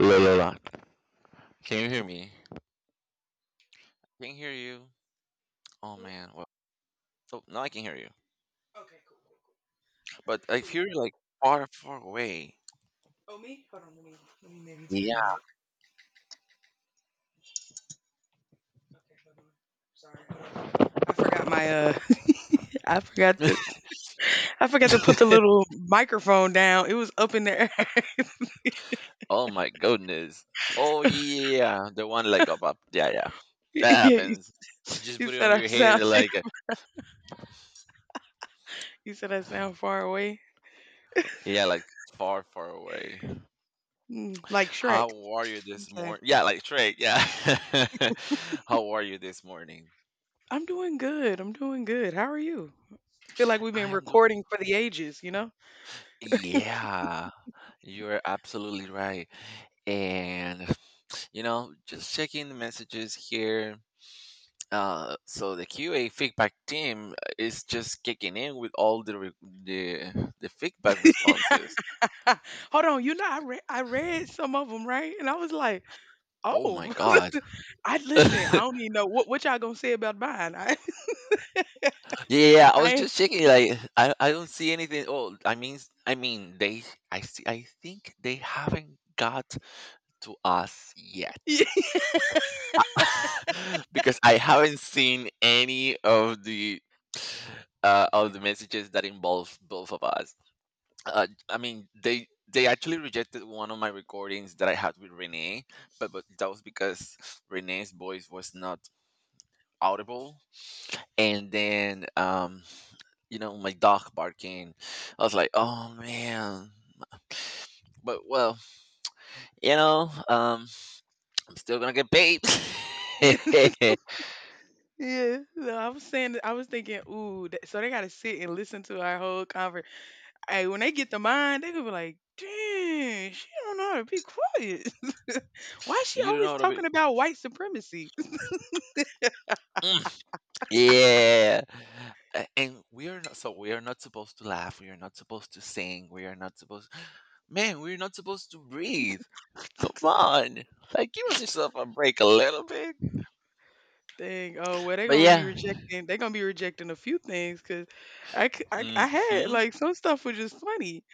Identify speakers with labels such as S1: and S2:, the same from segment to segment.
S1: Lola, can you hear me? Can you hear you? Oh
S2: Hello?
S1: man, well, so now I can hear you,
S2: Okay, cool, cool, cool.
S1: but I
S2: Perfect.
S1: hear you like far, far away.
S2: Oh, me? Hold on, let me maybe turn it
S1: Yeah.
S2: up. Okay, hold on. Sorry. I forgot my, I forgot I forgot to put the little microphone down. It was up in the air.
S1: Oh my goodness. Oh yeah, the one like up, up. Yeah, yeah,
S2: yeah,
S1: that
S2: you,
S1: happens. You just
S2: you
S1: put it
S2: said
S1: on
S2: I
S1: your head,
S2: you said I sound far away.
S1: yeah, like far, far away.
S2: Mm, like Shrek.
S1: How are you this
S2: Okay.
S1: morning? Yeah, like straight. Yeah. How are you this morning?
S2: I'm doing good. I'm doing good. How are you? I feel like we've
S1: I
S2: been
S1: am doing.
S2: recording for the ages, you know?
S1: Yeah, you're absolutely right. And just checking the messages here. So the QA feedback team is just kicking in with all the re- the feedback responses.
S2: Hold on, you know I read some of them, right? And I was like,
S1: Oh my
S2: "Oh,
S1: god!
S2: I listen. I don't even know what y'all gonna say about mine."
S1: Yeah, yeah, yeah, I
S2: I
S1: was
S2: ain't-
S1: just checking. Like, I don't see anything. Oh, I mean, they. I see. I think they haven't got to us yet because I haven't seen any of the messages that involve both of us. They actually rejected one of my recordings that I had with Renee, but that was because Renee's voice was not audible. And then, you know, my dog barking. I was like, oh man. But well, you know, I'm still gonna get paid.
S2: yeah, yeah. So I was saying, I was thinking, "Ooh, so they gotta sit and listen to our whole conversation." Hey, when they get to mine, they gonna be like, "Dang, she don't know how to be quiet. Why is she
S1: You don't
S2: always
S1: know what I
S2: talking
S1: mean.
S2: about white supremacy?"
S1: Mm, yeah. And we are not, we are not supposed to laugh. We are not supposed to sing. We are not supposed, man, we're not supposed to breathe. Come on. Like, give us yourself a break a little bit.
S2: Dang. Oh well, they
S1: But
S2: gonna be
S1: yeah.
S2: rejecting. They gonna be rejecting a few things because I had
S1: Mm-hmm.
S2: like some stuff was just funny.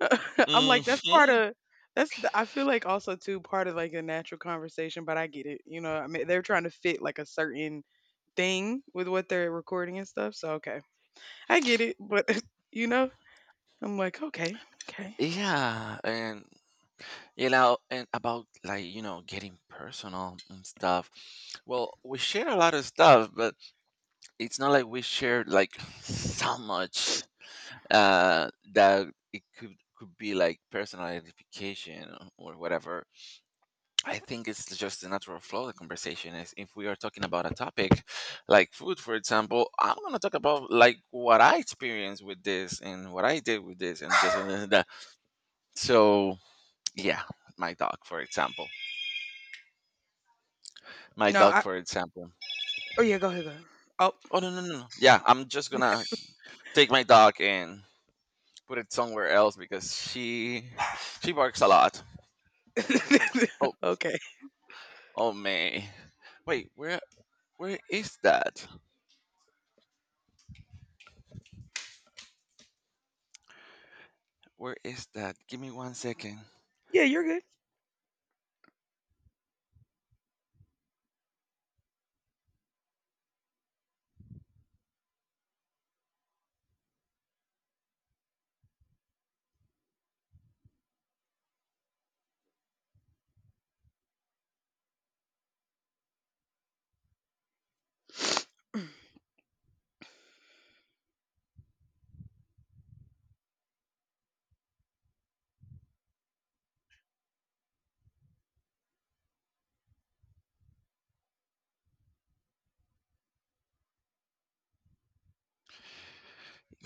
S2: I'm like, that's part
S1: Mm-hmm.
S2: of. That's the, I feel like also too part of like a natural conversation, but I get it. You know, I mean they're trying to fit like a certain thing with what they're recording and stuff. So okay, I get it. But you know, I'm like, okay, okay.
S1: Yeah. And about getting personal and stuff. Well, we share a lot of stuff, but it's not like we share like so much that it could be like personal identification or whatever. I think it's just the natural flow of the conversation is if we are talking about a topic like food, for example, I'm gonna talk about like what I experienced with this and what I did with this and this and this and that. So yeah, my dog, for example. My
S2: No,
S1: dog,
S2: I
S1: for example.
S2: Oh yeah, go ahead, go ahead. Oh.
S1: Oh no no no no. Yeah, I'm just gonna take my dog and put it somewhere else because she barks a lot. Oh
S2: Okay.
S1: oh man. Wait, where is that? Where is that? Give me one second.
S2: Yeah, you're good.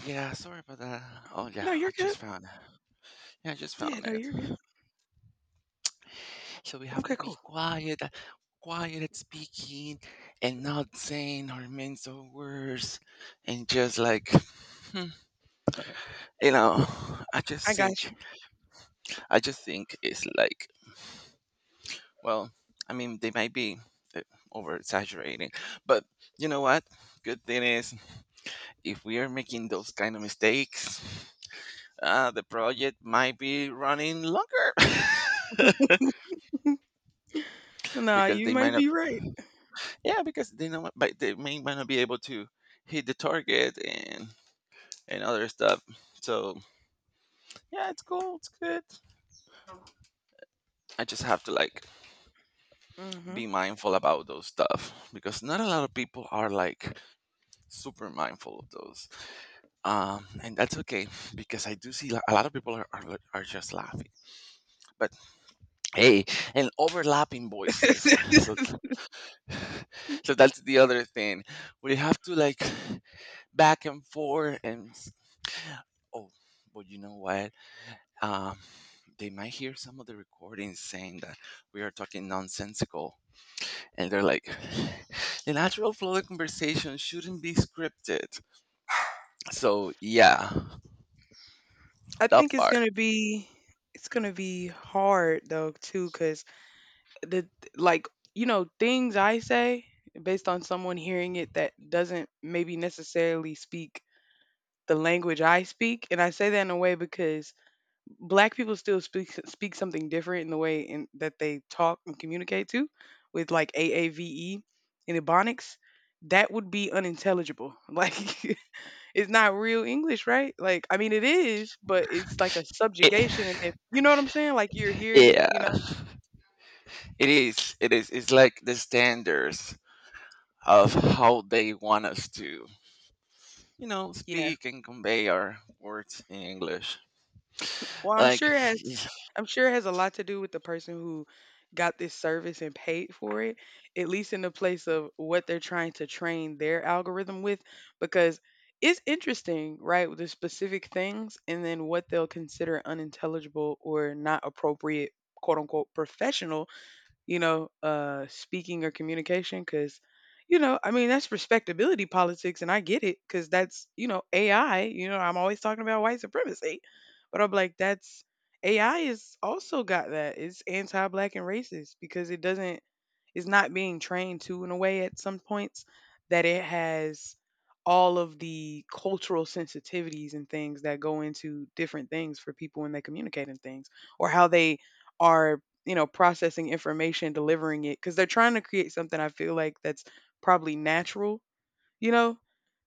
S1: Yeah, sorry about that. Oh
S2: No,
S1: yeah, I
S2: you're good.
S1: just found it. Yeah, I just found
S2: Yeah, no,
S1: it.
S2: you're good.
S1: So we have
S2: Okay,
S1: to
S2: cool.
S1: be quiet at speaking, and not saying our mental words, and just you know, I
S2: I
S1: just
S2: got
S1: think, I just think it's like, well, I mean, they might be uh, over exaggerating, but you know what? Good thing is, if we are making those kind of mistakes, the project might be running longer
S2: you. Nah,
S1: because
S2: you
S1: they might
S2: might
S1: not.
S2: be right.
S1: Yeah, because they know but they may might not be able to hit the target and other stuff. So yeah, it's cool, it's good. I just have to like
S2: Mhm.
S1: be mindful about those stuff because not a lot of people are like super mindful of those. And that's okay because I do see a lot of people are just laughing. But hey, and overlapping voices. So so that's the other thing. We have to like back and forth oh, but you know what? uh, they might hear some of the recordings saying that we are talking nonsensical. And they're like, the natural flow of conversation shouldn't be scripted. So, yeah,
S2: I
S1: that
S2: think it's
S1: part.
S2: gonna be it's gonna be hard though too, cause the like, you know, things I say based on someone hearing it that doesn't maybe necessarily speak the language I speak, and I say that in a way because black people still speak speak something different in the way in that they talk and communicate to with like AAVE and Ebonics. That would be unintelligible. Like it's not real English, right? Like I mean it is, but it's like a
S1: It,
S2: subjugation and if you know what I'm saying? Like you're hearing,
S1: yeah,
S2: you know.
S1: it is. It is. It's like the standards of how they want us to, you know,
S2: Yeah.
S1: speak and convey our words in English.
S2: Well, I'm
S1: Like,
S2: sure it has I'm sure it has a lot to do with the person who got this service and paid for it, at least in the place of what they're trying to train their algorithm with, because it's interesting, right, with the specific things and then what they'll consider unintelligible or not appropriate, quote unquote, professional you know, speaking or communication. Because, you know, I mean, that's respectability politics, and I get it because that's, you know, AI. You know, I'm always talking about white supremacy, but I'm like, that's AI is also got that. It's anti black and racist because it doesn't, it's not being trained to in a way at some points that it has all of the cultural sensitivities and things that go into different things for people when they communicate and things or how they are you know, processing information, delivering it, because they're trying to create something I feel like that's probably natural, you know,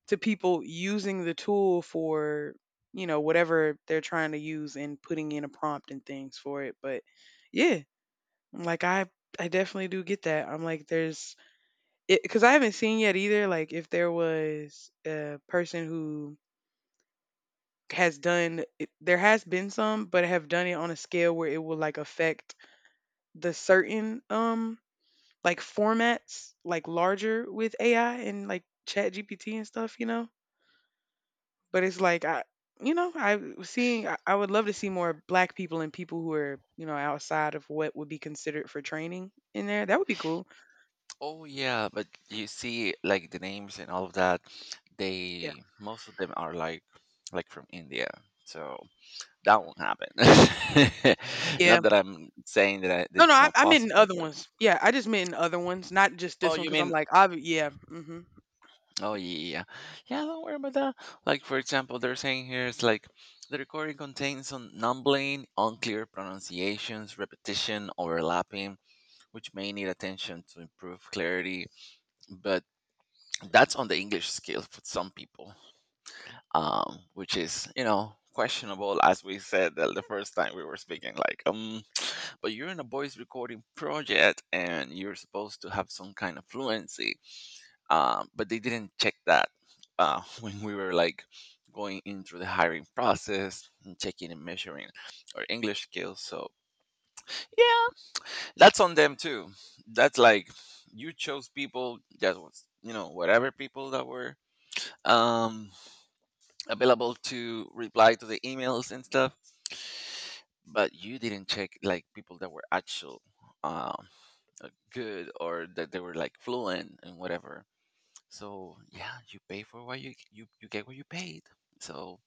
S2: to people using the tool for, you know, whatever they're trying to use and putting in a prompt and things for it. But yeah, I'm like, I definitely do get that. I'm like, it because I haven't seen yet either, like, if there was a person who has done, it- there has been some, but have done it on a scale where it will like affect the certain like formats like larger with AI and like Chat GPT and stuff, you know. But it's like you know, I was seeing I would love to see more Black people and people who are you know outside of what would be considered for training in there. That would be cool.
S1: oh yeah, but you see, like the names and all of that,
S2: Yeah,
S1: they most of them are like from India, so that won't happen.
S2: yeah.
S1: Not that I'm saying that
S2: No,
S1: that
S2: no,
S1: it's not
S2: I meant in
S1: possible,
S2: other
S1: but
S2: ones. Yeah, I just meant in other ones, not just
S1: oh,
S2: this one,
S1: you
S2: because I'm
S1: mean
S2: like, yeah, hmm
S1: oh yeah, yeah, yeah. Yeah, don't worry about that. Like for example, they're saying here it's like the recording contains some numbling, unclear pronunciations, repetition, overlapping, which may need attention to improve clarity, but that's on the English scale for some people. Which is, you know, questionable as we said that the first time we were speaking like, but you're in a voice recording project and you're supposed to have some kind of fluency, but they didn't check that when we were like going in through the hiring process and checking and measuring our English skills, so yeah, that's on them too. That's like, you chose people that was, you know, whatever, people that were, um available to reply to the emails and stuff, but you didn't check like people that were actual um, good or that they were like fluent and whatever. So yeah, you pay for what you you get what you paid. So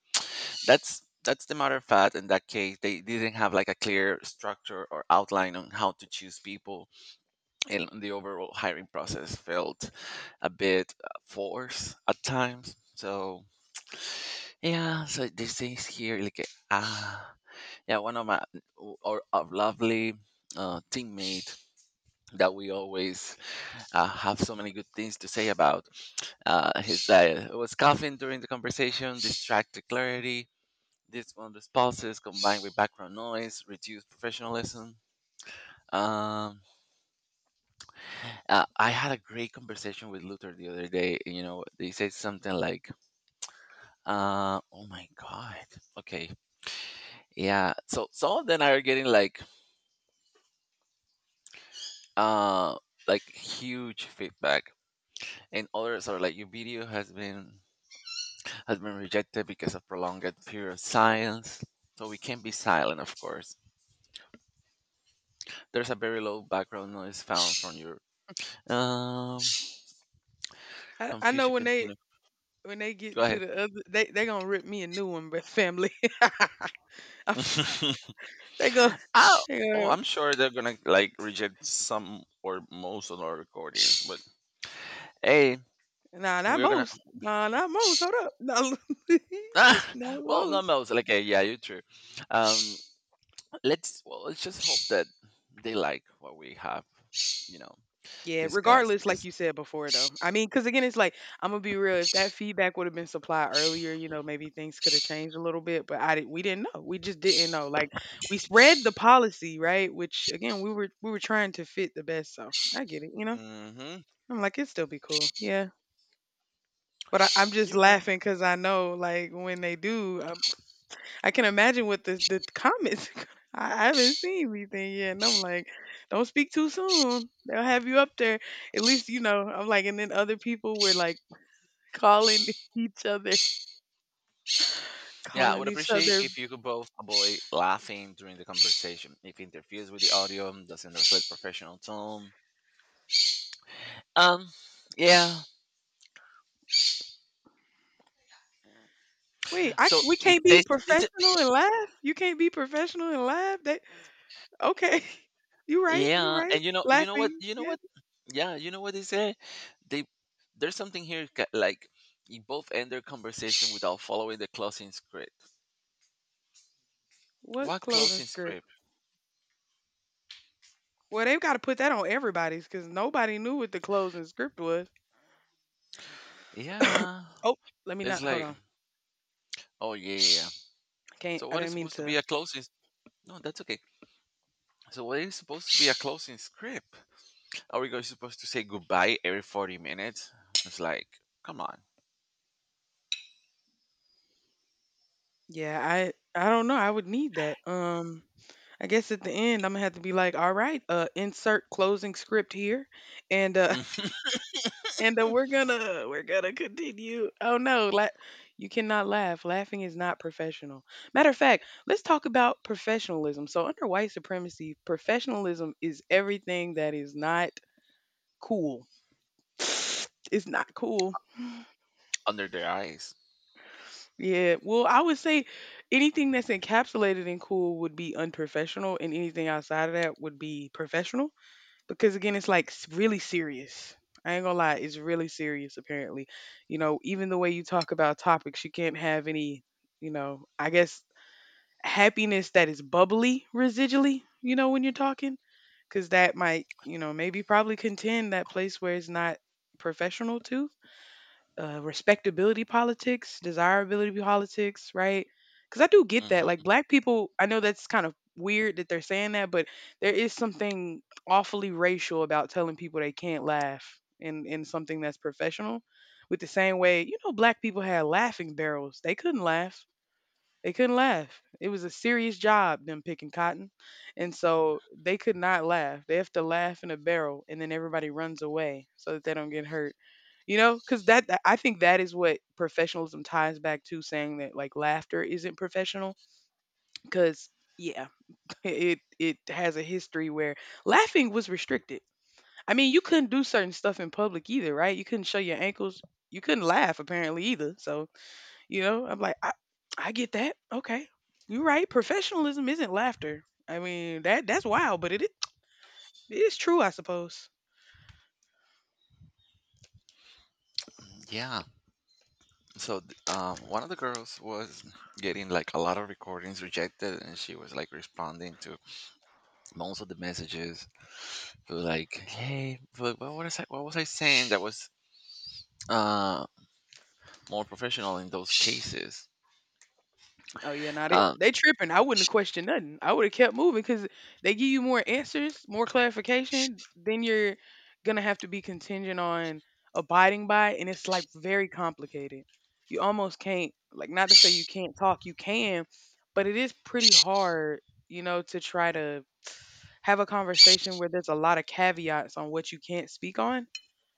S1: that's the matter of fact. In that case, they didn't have like a clear structure or outline on how to choose people, and the overall hiring process felt a bit forced at times. So yeah, so this is here like ah. Yeah, one of my, our lovely teammate that we always have so many good things to say about. His diet. It was coughing during the conversation, distracted clarity, dishonest pauses combined with background noise, reduced professionalism. Um, I had a great conversation with Luther the other day. You know, they said something like, "Oh my God, okay, yeah." So some of them are getting uh, like huge feedback, and others are like your video has been rejected because of prolonged period of silence. So we can be silent of course. There's a very low background noise found from your, um
S2: I know
S1: confusion continue.
S2: when they get
S1: Go
S2: to
S1: ahead.
S2: the other, they gonna rip me a new one, but family. I'm so, they gonna.
S1: Oh,
S2: They
S1: oh,
S2: gonna
S1: I'm sure they're gonna like reject some or most of our recordings, but hey,
S2: Nah, not
S1: we're gonna
S2: most. Nah, not most. Hold up.
S1: ah,
S2: No, not
S1: well not
S2: most.
S1: most like eh, yeah you're true. um let's, let's just hope that they like what we have, you know,
S2: Yeah,
S1: discussed
S2: regardless, like
S1: because
S2: you said before, though. I mean, because again, it's like, I'm going to be real. If that feedback would have been supplied earlier, you know, maybe things could have changed a little bit, but we didn't know. We just didn't know. Like, we spread the policy, right? Which, again, we were trying to fit the best. So I get it, you know?
S1: Mhm.
S2: I'm like, it'd still be cool. Yeah. But I'm just
S1: You're right.
S2: laughing because I know, like, when they do, I can imagine what the comments. I haven't seen anything yet, and I'm like, don't speak too soon. They'll have you up there. At least you know. I'm like, and then other people were like calling each other,
S1: Yeah, I would
S2: calling each
S1: appreciate
S2: other.
S1: if you could both avoid laughing during the conversation. If it interferes with the audio, doesn't reflect professional tone. Um, yeah.
S2: Wait, I
S1: So
S2: we
S1: it
S2: can't be
S1: says,
S2: professional and laugh. You can't be professional and laugh. That okay? You right? You
S1: yeah,
S2: right?
S1: and
S2: Laughing? Yeah.
S1: yeah, you know what they say. They there's something here like you both end their conversation without following the closing script.
S2: What
S1: What
S2: closing
S1: closing
S2: script?
S1: script?
S2: Well, they've got to put that on everybody's because nobody knew what the closing script was.
S1: Yeah,
S2: oh, let me
S1: it's
S2: not. Hold
S1: like,
S2: on.
S1: oh yeah. Yeah. Yeah.
S2: Can't.
S1: So
S2: I
S1: what is
S2: didn't mean
S1: supposed to be
S2: to
S1: a closing? No, that's okay. So what is supposed to be a closing script? Are we going supposed to say goodbye every 40 minutes? It's like, come on.
S2: Yeah, I don't know. I would need that. I guess at the end I'm gonna have to be like, all right, insert closing script here, and
S1: Mm,
S2: and we're gonna continue. Oh no, la- you cannot laugh. Laughing is not professional. Matter of fact, let's talk about professionalism. So under white supremacy, professionalism is everything that is not cool. It's not cool
S1: under their eyes.
S2: Yeah, well, I would say anything that's encapsulated in cool would be unprofessional, and anything outside of that would be professional because, again, really serious. I ain't gonna lie, it's really serious, apparently. You know, even the way you talk about topics, you can't have any, you know, I guess happiness that is bubbly residually, you know, when you're talking, because that might, you know, maybe probably contend that place where it's not professional too respectability politics, desirability politics, right? Because I do get that. Like
S1: Hmm.
S2: black people, I know that's kind of weird that they're saying that, but there is something awfully racial about telling people they can't laugh in something that's professional. With the same way, you know, black people had laughing barrels; they couldn't laugh. They couldn't laugh. It was a serious job, them picking cotton. And so they could not laugh. They have to laugh in a barrel, and then everybody runs away so that they don't get hurt. You know, because that- I think that is what professionalism ties back to saying that like laughter isn't professional. Because yeah, it has a history where laughing was restricted. I mean, you couldn't do certain stuff in public either, right? You couldn't show your ankles. You couldn't laugh apparently either. So you know, I'm like, I get that. Okay, you're right. Professionalism isn't laughter. I mean, that that's wild, but it is true, I suppose.
S1: Yeah. So one of the girls was getting like a lot of recordings rejected, and she was like responding to most of the messages. Who like, hey, but what was I? What was I saying that was uh more professional in those cases?
S2: Oh yeah, not it.
S1: Um,
S2: They tripping. I wouldn't question nothing. I would have kept moving because they give you more answers, more clarification. Then you're gonna have to be contingent on abiding by, and it's like very complicated. You almost can't like not to say you can't talk. You can, but it is pretty hard, you know, to try to have a conversation where there's a lot of caveats on what you can't speak on.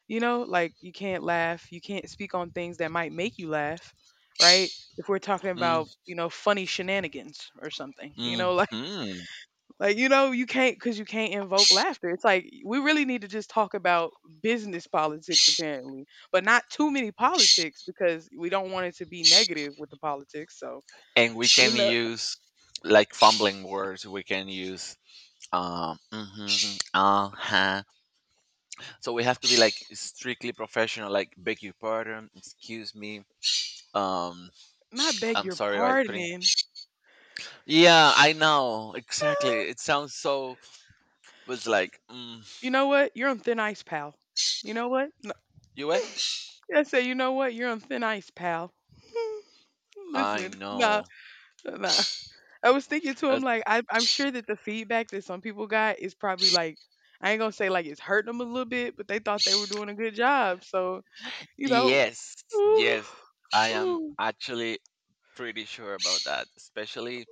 S2: You know, like you can't laugh, you can't speak on things that might make you laugh, right? If we're talking
S1: mm,
S2: about, you know, funny shenanigans or something, you know, like
S1: mhm.
S2: like you know, you can't cuz you can't invoke laughter. It's like we really need to just talk about business politics apparently, but not too many politics because we don't want it to be negative with the politics. So,
S1: And we
S2: you
S1: can
S2: know,
S1: use like fumbling words. We can use mm-hmm, uh-huh. So we have to be like strictly professional, like beg your pardon, excuse me. Um,
S2: not beg
S1: I'm
S2: your
S1: sorry I couldn't.
S2: pardoning.
S1: Yeah, I know exactly. It sounds so. Was like, mm,
S2: You know what? You're on thin ice, pal. You know what?
S1: you were.
S2: I say, you know what? You're on thin ice, pal.
S1: I
S2: Listen, nah,
S1: know.
S2: nah. I was thinking to
S1: Uh,
S2: him like, I'm sure that the feedback that some people got is probably like, I ain't gonna say like it's hurting them a little bit, but they thought they were doing a good job. So you know,
S1: yes,
S2: ooh,
S1: yes. I am
S2: ooh.
S1: actually pretty sure about that. Especially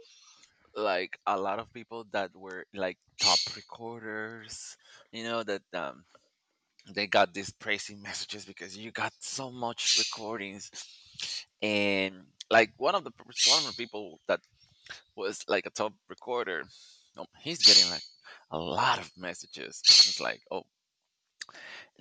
S1: like a lot of people that were like top recorders. You know that, they got these praising messages because you got so much recordings, and like one of one of the people that was like a top recorder, he's getting like a lot of messages. It's like, oh,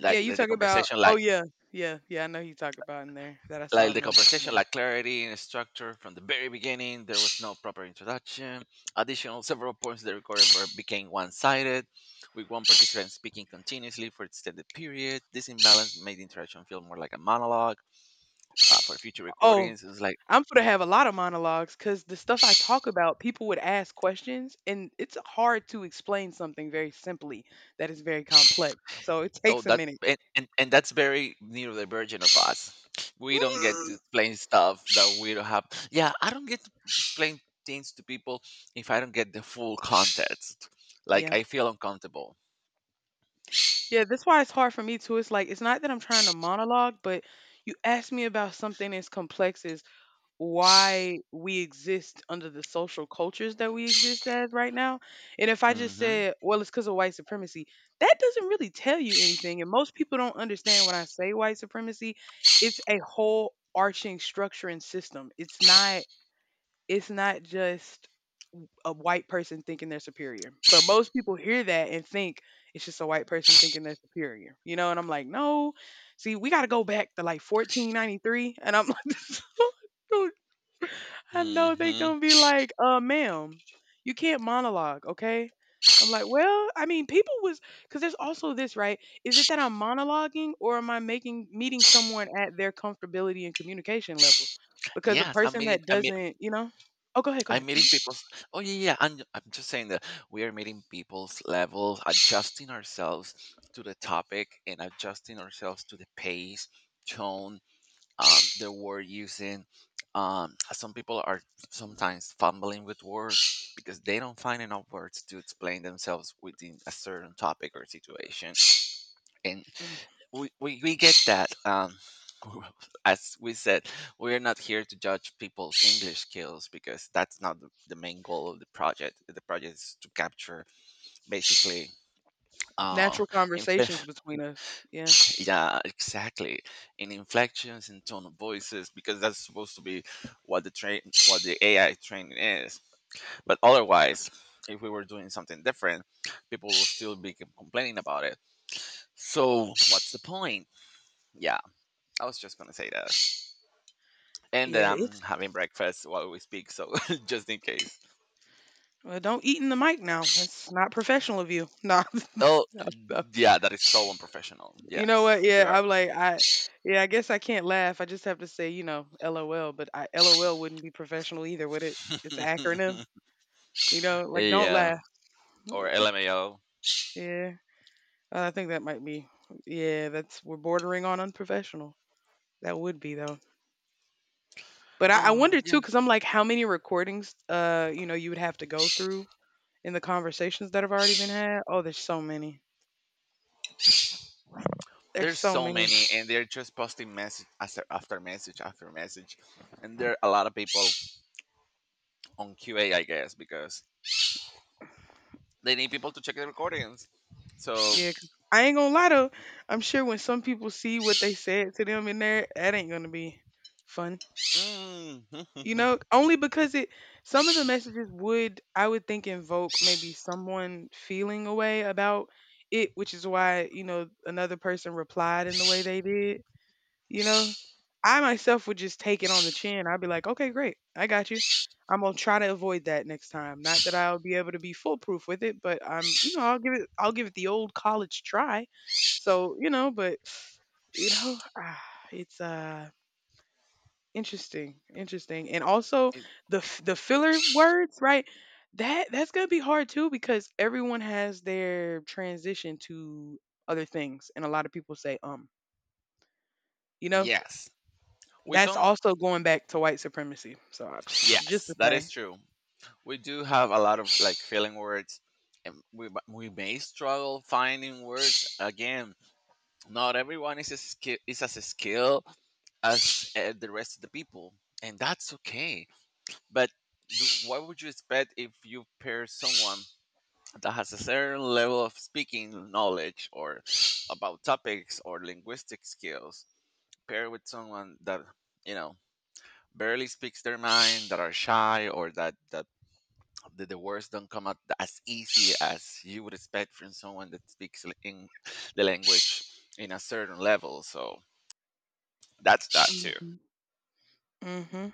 S2: Yeah. You
S1: the the
S2: talk about,
S1: conversation
S2: oh
S1: like
S2: yeah, yeah, yeah. I know you talk about in there that I saw
S1: like
S2: in
S1: the
S2: the.
S1: conversation
S2: Yeah.
S1: like clarity and structure from the very beginning there was no proper introduction. Additional several points of the recording became one-sided with one participant speaking continuously for extended period. This imbalance made the interaction feel more like a monologue. For future
S2: Oh,
S1: recordings it's like,
S2: I'm gonna have a lot of monologues because the stuff I talk about, people would ask questions, and it's hard to explain something very simply that is very complex. So it
S1: oh,
S2: takes a
S1: that.
S2: minute.
S1: And that's very neurodivergent of us. We don't get to explain stuff that we don't have. Yeah, I don't get to explain things to people if I don't get the full context. Like
S2: Yeah.
S1: I feel uncomfortable.
S2: Yeah, that's why it's hard for me too. It's like, it's not that I'm trying to monologue, but you ask me about something as complex as why we exist under the social cultures that we exist as right now. And if I just
S1: Mm-hmm.
S2: said, well, it's because of white supremacy, that doesn't really tell you anything. And most people don't understand when I say white supremacy, it's a whole arching structure and system. It's not just a white person thinking they're superior. But most people hear that and think it's just a white person thinking they're superior. You know, and I'm like, no. See, we got to go back to like 1493 and I'm like I know they
S1: Mm-hmm.
S2: gonna be like, ma'am, you can't monologue, okay? I'm like, well, I mean, people was because there's also this, right? Is it that I'm monologuing or am I making meeting someone at their comfortability and communication levels? Because a
S1: Yes, I'm
S2: person
S1: meeting.
S2: that
S1: I mean,
S2: doesn't, oh, go ahead, go ahead.
S1: I'm meeting people's. Oh yeah, yeah. I'm just saying that we are meeting people's levels, adjusting ourselves to the topic, and adjusting ourselves to the pace, tone, um, the word using. Some people are sometimes fumbling with words because they don't find enough words to explain themselves within a certain topic or situation. And
S2: Mm.
S1: we get that. As we said, we're not here to judge people's English skills because that's not the main goal of the project. The project is to capture basically uh,
S2: Natural
S1: imp-
S2: conversations between us. Yeah,
S1: yeah, exactly. In inflections and tone of voices, because that's supposed to be what the train, what the AI training is. But otherwise, if we were doing something different, people will still be complaining about it. So what's the point? Yeah, I was just gonna say that, and that
S2: yeah.
S1: I'm
S2: It's
S1: having breakfast while we speak, so just in case.
S2: well, don't eat in the mic now. That's not professional of you.
S1: Oh,
S2: No, I
S1: yeah, that is so unprofessional.
S2: you know what?
S1: Yes,
S2: Yeah,
S1: you are.
S2: I'm like I yeah, I guess I can't laugh. I just have to say, you know, LOL, but I LOL wouldn't be professional either, would it? It's an acronym, you know, like don't
S1: Yeah,
S2: laugh.
S1: or LMAO.
S2: Yeah. I think that might be yeah, that's we're bordering on unprofessional. That would be though. But I
S1: Oh,
S2: wonder too, because I'm like, how many recordings, you know, you would have to go through in the conversations that have already been had? Oh, there's so many. There's
S1: there's
S2: so
S1: so
S2: many.
S1: many and they're just posting message after message after message, and there are a lot of people on qa, I guess, because they need people to check the recordings, so
S2: Yeah, 'cause I ain't gonna lie though. I'm sure when some people see what they said to them in there, that ain't gonna be fun.
S1: mm,
S2: You know, only because it some of the messages would I would think invoke maybe someone feeling a way about it, which is why, you know, another person replied in the way they did. You know, I myself would just take it on the chin. I'd be like, okay, great. I got you. I'm going to try to avoid that next time. Not that I'll be able to be foolproof with it, but I'm, you know, I'll give it the old college try. So, you know, but, you know, ah, it's, interesting, interesting. And also
S1: it-
S2: the, f- the filler words, right? That's going to be hard too, because everyone has their transition to other things. And a lot of people say, you know,
S1: yes, we
S2: that's
S1: don't.
S2: also going back to white supremacy. So I- psh, just to
S1: Yes, that is
S2: say.
S1: true. We do have a lot of like feeling words, and we may struggle finding words again. Not everyone is as a skill as the rest of the people, and that's okay. But do, what would you expect if you pair someone that has a certain level of speaking knowledge or about topics or linguistic skills, paired with someone that, you know, barely speaks their mind, that are shy, or that, that the words don't come out as easy as you would expect from someone that speaks in the language in a certain level. So that's that too.
S2: Mhm. Mhm.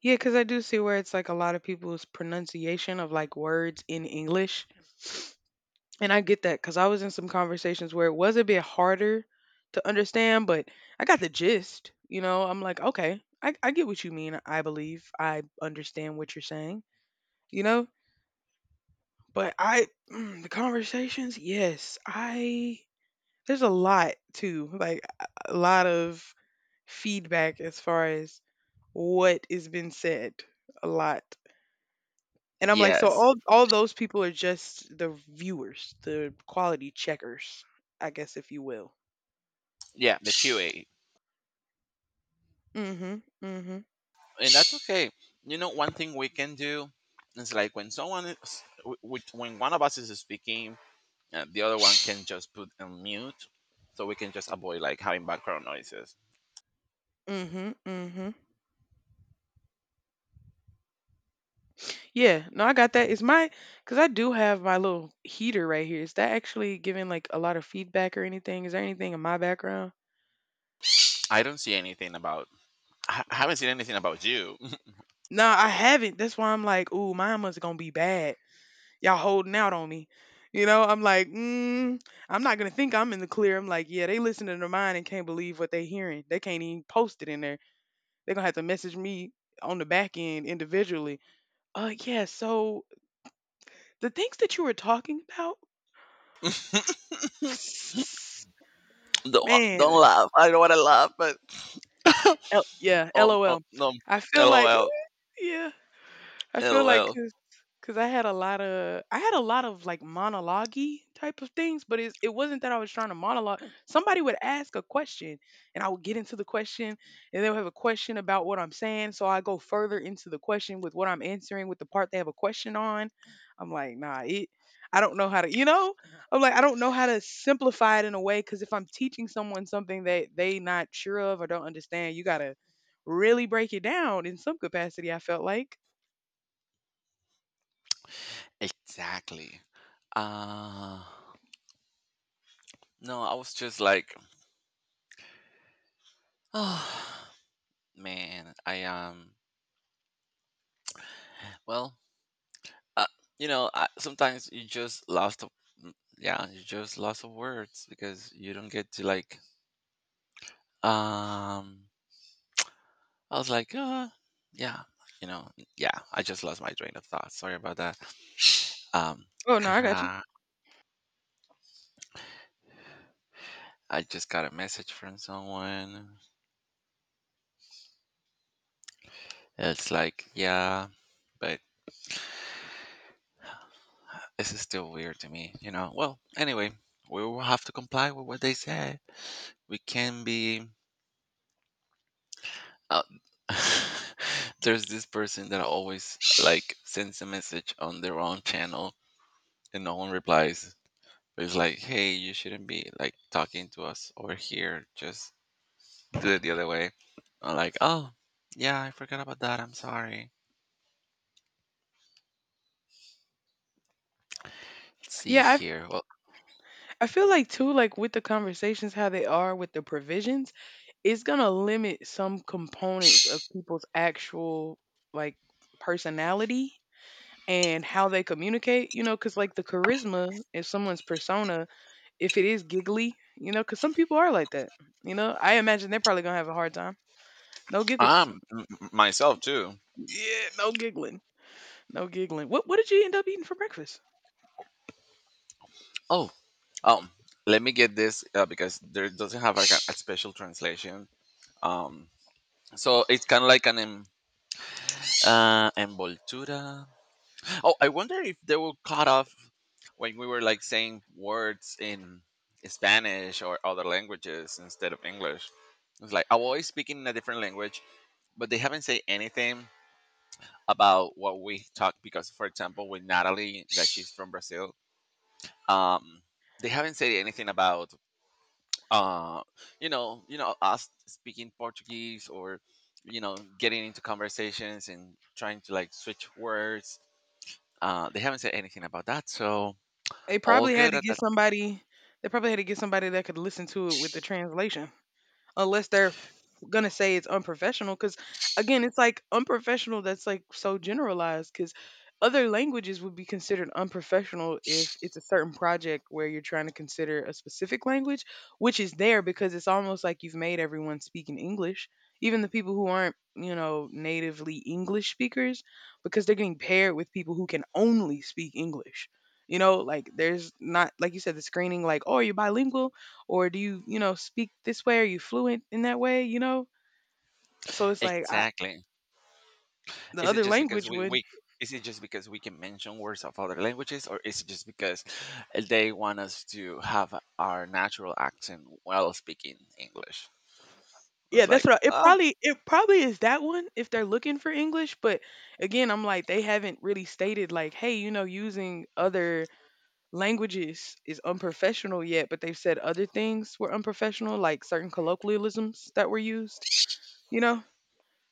S2: Yeah, cuz I do see where it's like a lot of people's pronunciation of like words in English. And I get that cuz I was in some conversations where it was a bit harder to understand, but I got the gist, you know? I'm like, "Okay, I get what you mean. I believe I understand what you're saying." You know? But I the conversations, yes, I there's a lot too, like a lot of feedback as far as what is been said a lot. And I'm like, so
S1: Yes.
S2: all those people are just the viewers, the quality checkers, I guess if you will.
S1: Yeah, the QA.
S2: Mhm. Mhm.
S1: And that's okay. You know, one thing we can do is like when someone is, when one of us is speaking, the other one can just put on mute, so we can just avoid like having background noises.
S2: Mhm. Mhm. Yeah, no, I got that. Is my cuz I do have my little heater right here. Is that actually giving like a lot of feedback or anything? Is there anything in my background?
S1: I don't see anything about. I haven't seen anything about you.
S2: No, I haven't. That's why I'm like, ooh, mine was gonna be bad. Y'all holding out on me. You know, I'm like, mm, I'm not gonna think I'm in the clear. I'm like, yeah, they listening to mine and can't believe what they hearing. They can't even post it in there. They're gonna have to message me on the back end individually. Yeah, so the things that you were talking about
S1: don't
S2: man,
S1: don't laugh. I don't want to laugh, but
S2: L- yeah, LOL.
S1: no,
S2: I feel like
S1: lol,
S2: yeah. I feel like
S1: lol.
S2: cause I had a lot of I had a lot of like monologue type of things, but it's, it wasn't that I was trying to monologue. Somebody would ask a question and I would get into the question and they'll have a question about what I'm saying. So I go further into the question with what I'm answering with the part they have a question on. I'm like, nah, it I don't know how to, you know, I'm like, I don't know how to simplify it in a way because if I'm teaching someone something that they not sure of or don't understand, you gotta really break it down in some capacity. I felt like.
S1: Exactly. Uh, no, I was just like, oh man, I well, uh, you know, I, sometimes you just yeah, you just lost of words because you don't get to like. Um, I was like, uh, yeah, you know, yeah, I just lost my train of thought. Sorry about that. Um,
S2: Oh, no, I got you.
S1: I just got a message from someone. It's like, yeah, but this is still weird to me, you know. Well, anyway, we will have to comply with what they said. We can be. Uh, there's this person that always like sends a message on their own channel and no one replies. It's like, hey, you shouldn't be like talking to us over here. Just do it the other way. I'm like, oh, yeah, I forgot about that. I'm sorry. Let's see
S2: Yeah, I
S1: here. Well,
S2: I feel like too, like with the conversations, how they are with the provisions, it's gonna limit some components of people's actual like personality and how they communicate, you know, because like the charisma, if someone's persona, if it is giggly, you know, because some people are like that, you know, I imagine they're probably gonna have a hard time. No giggles.
S1: I'm myself too.
S2: Yeah, no giggling. No giggling. What did you end up eating for breakfast?
S1: Oh, um, let me get this because there doesn't have like a special translation. Um, so it's kind of like an envoltura. Oh, I wonder if they will cut off when we were like saying words in Spanish or other languages instead of English. It's like I'm always speaking in a different language, but they haven't said anything about what we talk because, for example, with Natalie, that she's from Brazil, um, they haven't said anything about uh, you know, us speaking Portuguese, or you know, getting into conversations and trying to like switch words. They haven't said anything about that, so
S2: They
S1: all
S2: probably had
S1: good
S2: to
S1: at
S2: get
S1: that.
S2: somebody. They probably had to get somebody that could listen to it with the translation unless they're f- gonna say it's unprofessional because again it's like unprofessional, that's like so generalized, because other languages would be considered unprofessional if it's a certain project where you're trying to consider a specific language, which is there because it's almost like you've made everyone speak in English, even the people who aren't, you know, natively English speakers, because they're getting paired with people who can only speak English. You know, like there's not, like you said, the screening, like oh, you're bilingual, or do you, you know, speak this way? Are you fluent in that way? You know, so it's like I
S1: Exactly.
S2: the
S1: Is it
S2: other
S1: just because
S2: language would
S1: we can mention words of other languages, or is it just because they want us to have our natural accent while speaking english?
S2: yeah
S1: It's
S2: that's
S1: like,
S2: what I, it
S1: oh,
S2: probably it probably is that one if they're looking for English. But again, I'm like, they haven't really stated like, hey, you know, using other languages is unprofessional yet, but they've said other things were unprofessional, like certain colloquialisms that were used, you know.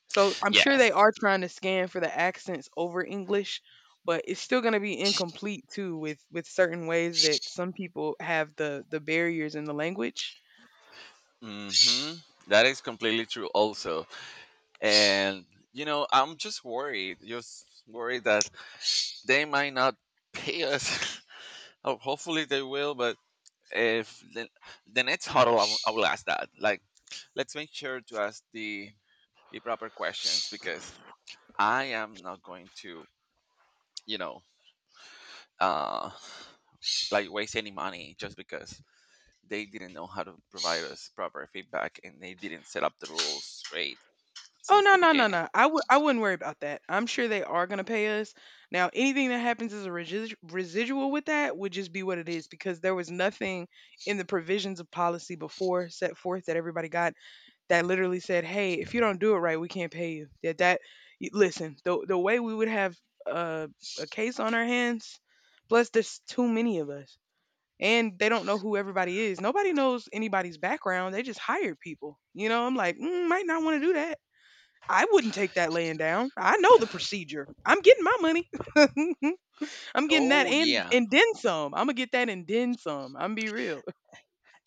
S2: So I'm sure they
S1: yes.
S2: are trying to scan for the accents over English, but it's still going to be incomplete too with certain ways that some people have the barriers in the language.
S1: Hmm, that is completely true also. And you know, I'm just worried that they might not pay us. Oh, hopefully they will, but if the, the next huddle I will ask that, like, let's make sure to ask the proper questions, because I am not going to, you know, uh, like waste any money just because they didn't know how to provide us proper feedback and they didn't set up the rules straight
S2: Oh,
S1: since
S2: no,
S1: the
S2: no, no,
S1: beginning.
S2: no! I wouldn't worry about that. I'm sure they are gonna pay us. Now anything that happens as a resi- residual with that would just be what it is, because there was nothing in the provisions of policy before set forth that everybody got that literally said, "Hey, if you don't do it right, we can't pay you." That y- listen, the way we would have uh, a case on our hands, plus there's too many of us. And they don't know who everybody is. Nobody knows anybody's background. They just hired people. You know, I'm like, mm, might not want to do that. I wouldn't take that laying down. I know the procedure. I'm getting my money. I'm getting that
S1: Oh yeah,
S2: and then some. I'm gonna get that and then some. I'm gonna be real.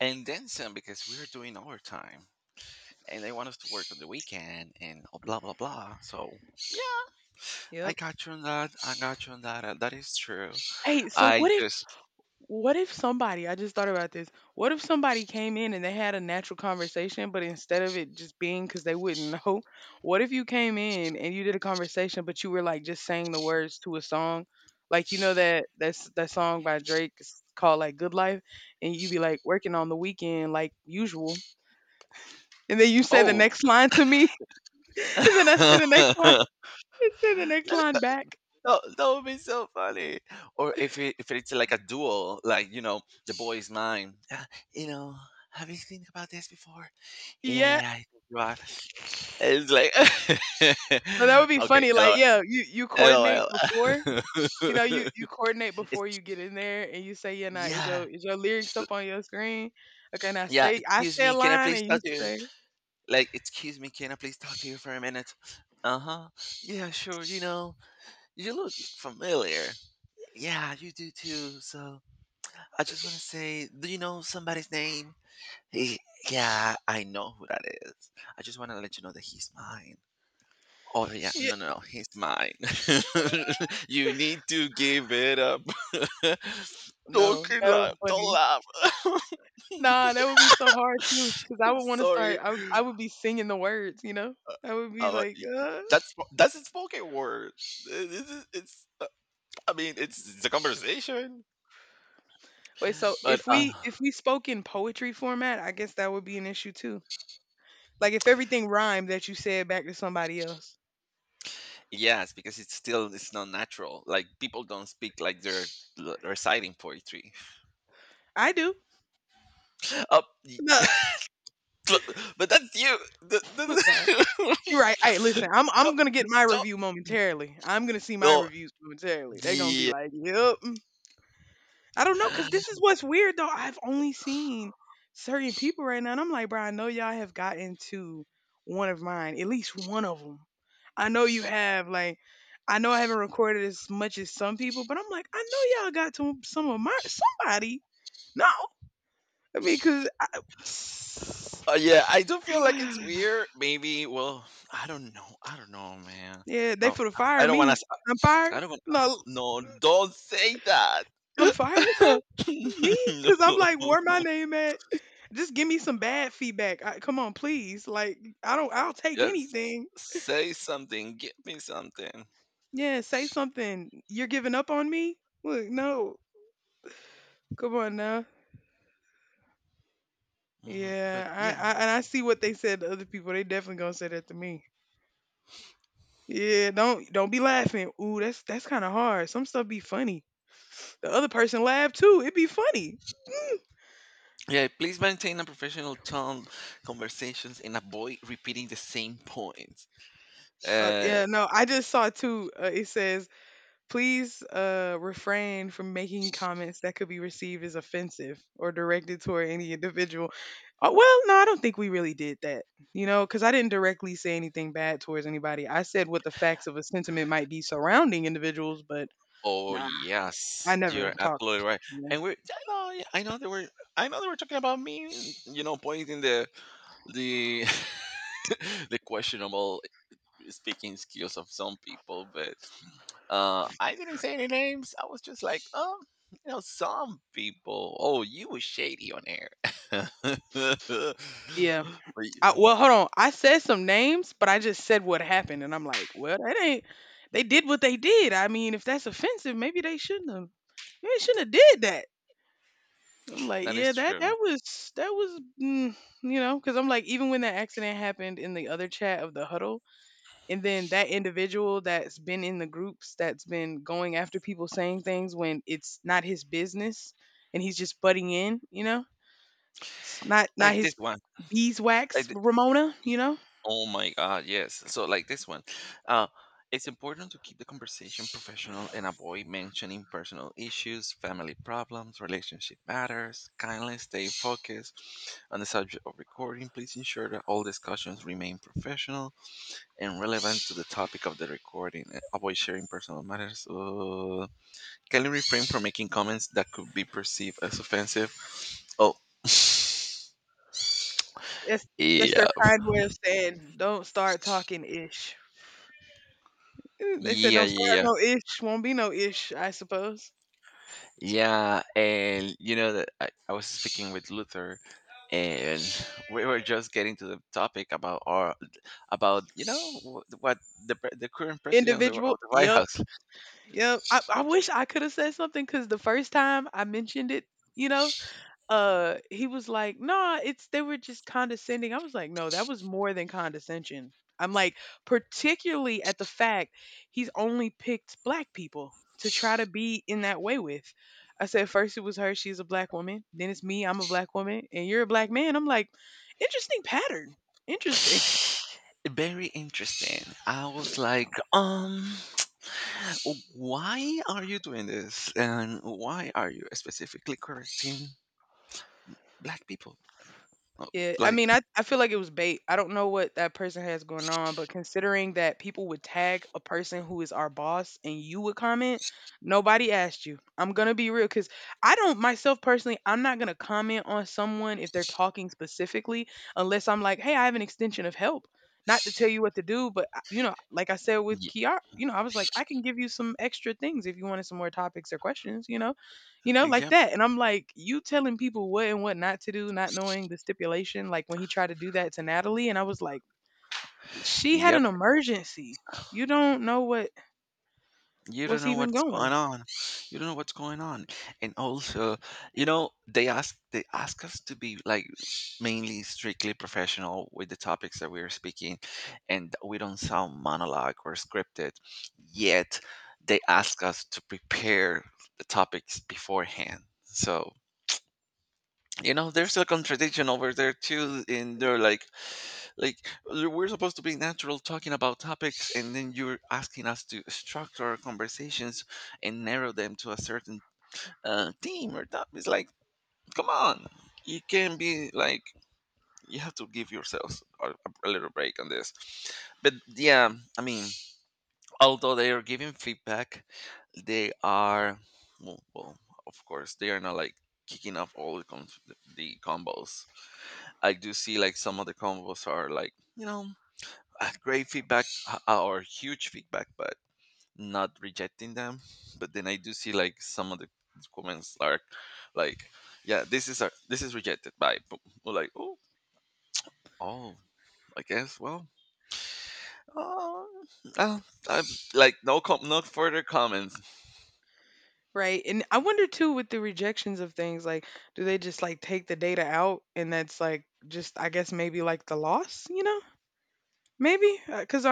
S1: and then some, because we're doing overtime and they want us to work on the weekend and blah blah blah. So yeah, I
S2: Yep.
S1: got you on that. I got you on that. That is true.
S2: Hey, so
S1: I
S2: what
S1: just.
S2: What if somebody, I just thought about this. What if somebody came in and they had a natural conversation, but instead of it just being because they wouldn't know, what if you came in and you did a conversation, but you were like just saying the words to a song? Like, you know, that that's that song by Drake, it's called like Good Life, and you be like working on the weekend like usual. And then you say the
S1: Oh.
S2: next line to me, and then I say the next line, and say the next
S1: Let.
S2: line back.
S1: That, that would be so funny. Or if it, if it's like a duel, like you know, the boy is mine. You know, have you think about this before? Yeah,
S2: Yeah.
S1: yeah, I think you are. It's like,
S2: But that would be
S1: okay,
S2: funny. Like,
S1: hello,
S2: yeah, you coordinate
S1: lol.
S2: before you know, you you coordinate
S1: It's
S2: before you get in there, and you say, "Yeah, nah,
S1: yeah,
S2: is your lyrics up on your screen? Okay, now
S1: yeah.
S2: say I
S1: Excuse
S2: say a
S1: me, can I
S2: line,
S1: please
S2: and you
S1: talk to you?
S2: say,
S1: Like, excuse me, can I please talk to you for a minute? Uh huh. Yeah, sure. You know, you look familiar. Yeah, you do too. So I just want to say, do you know somebody's name? He, yeah, I know who that is. I just want to let you know that he's mine. Oh yeah,
S2: yeah,
S1: no, no, no, he's mine. You need to give it up. Don't
S2: no,
S1: cry,
S2: that would
S1: laugh, don't
S2: funny.
S1: laugh. I'm
S2: Nah, that would be so hard too, because I would want to start.
S1: sorry.
S2: I would be singing the words, you know. I would be
S1: Uh,
S2: like,
S1: that's a spoken word. It's I mean, it's a conversation,
S2: Wait. So
S1: but
S2: if we spoke in poetry format, I guess that would be an issue too. Like if everything rhymed that you said back to somebody else,
S1: yes, because it's still it's not natural. Like people don't speak like they're reciting poetry.
S2: I do.
S1: Uh, y-
S2: No,
S1: but but that's you.
S2: you're right. Hey, listen, I'm
S1: Don't,
S2: I'm gonna get my
S1: don't,
S2: review momentarily. I'm gonna see my
S1: no,
S2: reviews momentarily. They're gonna be
S1: the
S2: like, "Yep." I don't know, cause this is what's weird though. I've only seen certain people right now, and I'm like, bro, I know y'all have gotten to one of mine, at least one of them. I know you have. Like, I know I haven't recorded as much as some people, but I'm like, I know y'all got to some of my somebody. No, I mean, cause
S1: yeah. I do feel like it's
S2: I,
S1: weird. Maybe. Well, I don't know. I don't know, man.
S2: yeah, they
S1: Oh,
S2: for to fire
S1: I don't want
S2: me.
S1: to.
S2: I'm fired.
S1: I don't want.
S2: No,
S1: No, don't say that.
S2: I'm fired, bro. Me? Cause I'm
S1: No.
S2: like, where my name at? Just give me some bad feedback. I, come on, please. Like, I don't. I'll take
S1: Yes.
S2: anything.
S1: Say something. Give me something.
S2: Yeah, say something. You're giving up on me? Look, no. Come on now.
S1: Mhm.
S2: Yeah,
S1: But
S2: I,
S1: yeah,
S2: I and I see what they said to other people. They definitely gonna say that to me. Yeah, don't be laughing. Ooh, that's kind of hard. Some stuff be funny. The other person laugh too. It be funny. Mm.
S1: yeah. Please maintain a professional tone, conversations, and avoid repeating the same points. Uh,
S2: Yeah, no, I just saw too. It says please refrain from making comments that could be received as offensive or directed toward any individual. Oh, well, no, I don't think we really did that, you know, because I didn't directly say anything bad towards anybody. I said what the facts of a sentiment might be surrounding individuals, but
S1: Oh
S2: nah, I
S1: yes,
S2: never
S1: you're
S2: talked.
S1: absolutely right.
S2: Yeah.
S1: And we're I know, yeah, I know they were, I know they were talking about me, you know, pointing the the questionable speaking skills of some people, but I didn't say any names. I was just like, you know, some people. Oh, you were shady on air. But
S2: Yeah. I, well, hold on. I said some names, but I just said what happened, and I'm like, well, that ain't. They did what they did. I mean, if that's offensive, maybe they shouldn't have. Maybe they shouldn't have did that. I'm like,
S1: that
S2: yeah,
S1: is
S2: that
S1: true.
S2: that was that was, you know, because I'm like, even when that accident happened in the other chat of the huddle, and then that individual that's been in the groups that's been going after people saying things when it's not his business, and he's just butting in, you know, it's not
S1: Like this
S2: his
S1: one. Like
S2: beeswax,
S1: th-
S2: Ramona, you know,
S1: Oh my God, yes. So, like this one, uh, it's important to keep the conversation professional and avoid mentioning personal issues, family problems, relationship matters. Kindly stay focused on the subject of recording. Please ensure that all discussions remain professional and relevant to the topic of the recording, and avoid sharing personal matters. Kindly refrain from making comments that could be perceived as offensive. Oh,
S2: that's that's
S1: yeah,
S2: their kind way of saying don't start talking ish. Eh, they said
S1: yeah,
S2: don't start
S1: yeah, yeah.
S2: no ish, won't be no ish, I suppose.
S1: Yeah, and you know that I was speaking with Luther, and we were just getting to the topic about our, about you know what the current president of
S2: Individual,
S1: the White
S2: yep.
S1: House.
S2: Yep. I wish I could have said something because the first time I mentioned it, you know, he was like, "Nah, it's they were just condescending." I was like, "No, that was more than condescension." I'm like, particularly at the fact he's only picked black people to try to be in that way with. I said first it was her, she's a black woman. Then it's me, I'm a black woman, and you're a black man. I'm like, interesting pattern. Interesting.
S1: Very interesting. I was like, why are you doing this, and why are you specifically correcting black people? Oh,
S2: Yeah, I
S1: like,
S2: mean, I feel like it was bait. I don't know what that person has going on, but considering that people would tag a person who is our boss and you would comment, nobody asked you. I'm going to be real because I don't, myself personally, I'm not going to comment on someone if they're talking specifically unless I'm like, hey, I have an extension of help. Not to tell you what to do, but, you know, like I said with
S1: yeah,
S2: Kiara, you know, I was like, I can give you some extra things if you wanted some more topics or questions, you know? You know, like
S1: yep,
S2: that. And I'm like, you telling people what and what not to do, not knowing the stipulation. Like when he tried to do that to Natalie, and I was like, she had an
S1: yep.
S2: emergency. You don't know what
S1: you don't
S2: what's
S1: know
S2: even
S1: what's going
S2: going.
S1: on you don't know what's going on, and also, you know, they ask, they ask us to be like mainly strictly professional with the topics that we're speaking, and we don't sound monologue or scripted, yet they ask us to prepare the topics beforehand. So you know
S2: It's-
S1: there's a contradiction over there too, and they're like we're supposed to be natural talking about topics, and then you're asking us to structure our conversations and narrow them to a certain theme or topic. It's like, come on, you can be like, you have to give yourselves a little break on this. But yeah, I mean, although they are giving feedback, they are well, well, of course, they are not like kicking off all the, the combos. I do see like some of the combos are like you know great feedback, or huge feedback, but not rejecting them. But then I do see like some of the comments are like, yeah, this is a, this is rejected by or like oh oh I guess well uh, uh, I'm like no no further comments.
S2: Right. And I wonder too with the rejections of things, like, do they just like take the data out and that's like just, I guess, maybe like the loss, you know? Maybe because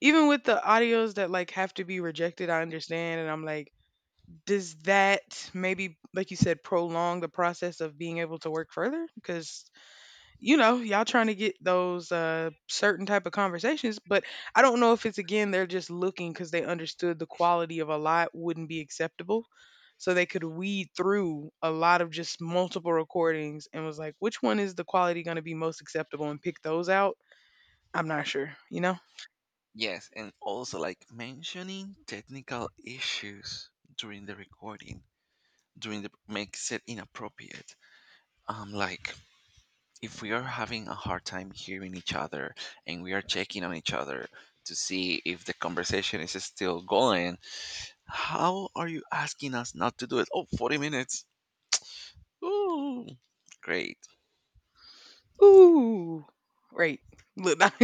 S2: even with the audios that like have to be rejected, I understand. And I'm like, does that maybe, like you said, prolong the process of being able to work further? Because, you know, y'all trying to get those certain type of conversations, but I don't know if it's again, they're just looking because they understood the quality of a lot wouldn't be acceptable. So they could weed through a lot of just multiple recordings and was like, which one is the quality going to be most acceptable and pick those out? I'm not sure, you know?
S1: Yes, and also like mentioning technical issues during the recording during the makes it inappropriate. I'm like, if we are having a hard time hearing each other and we are checking on each other to see if the conversation is still going, how are you asking us not to do it? Oh, 40 minutes. Ooh, great.
S2: Ooh, right. Look,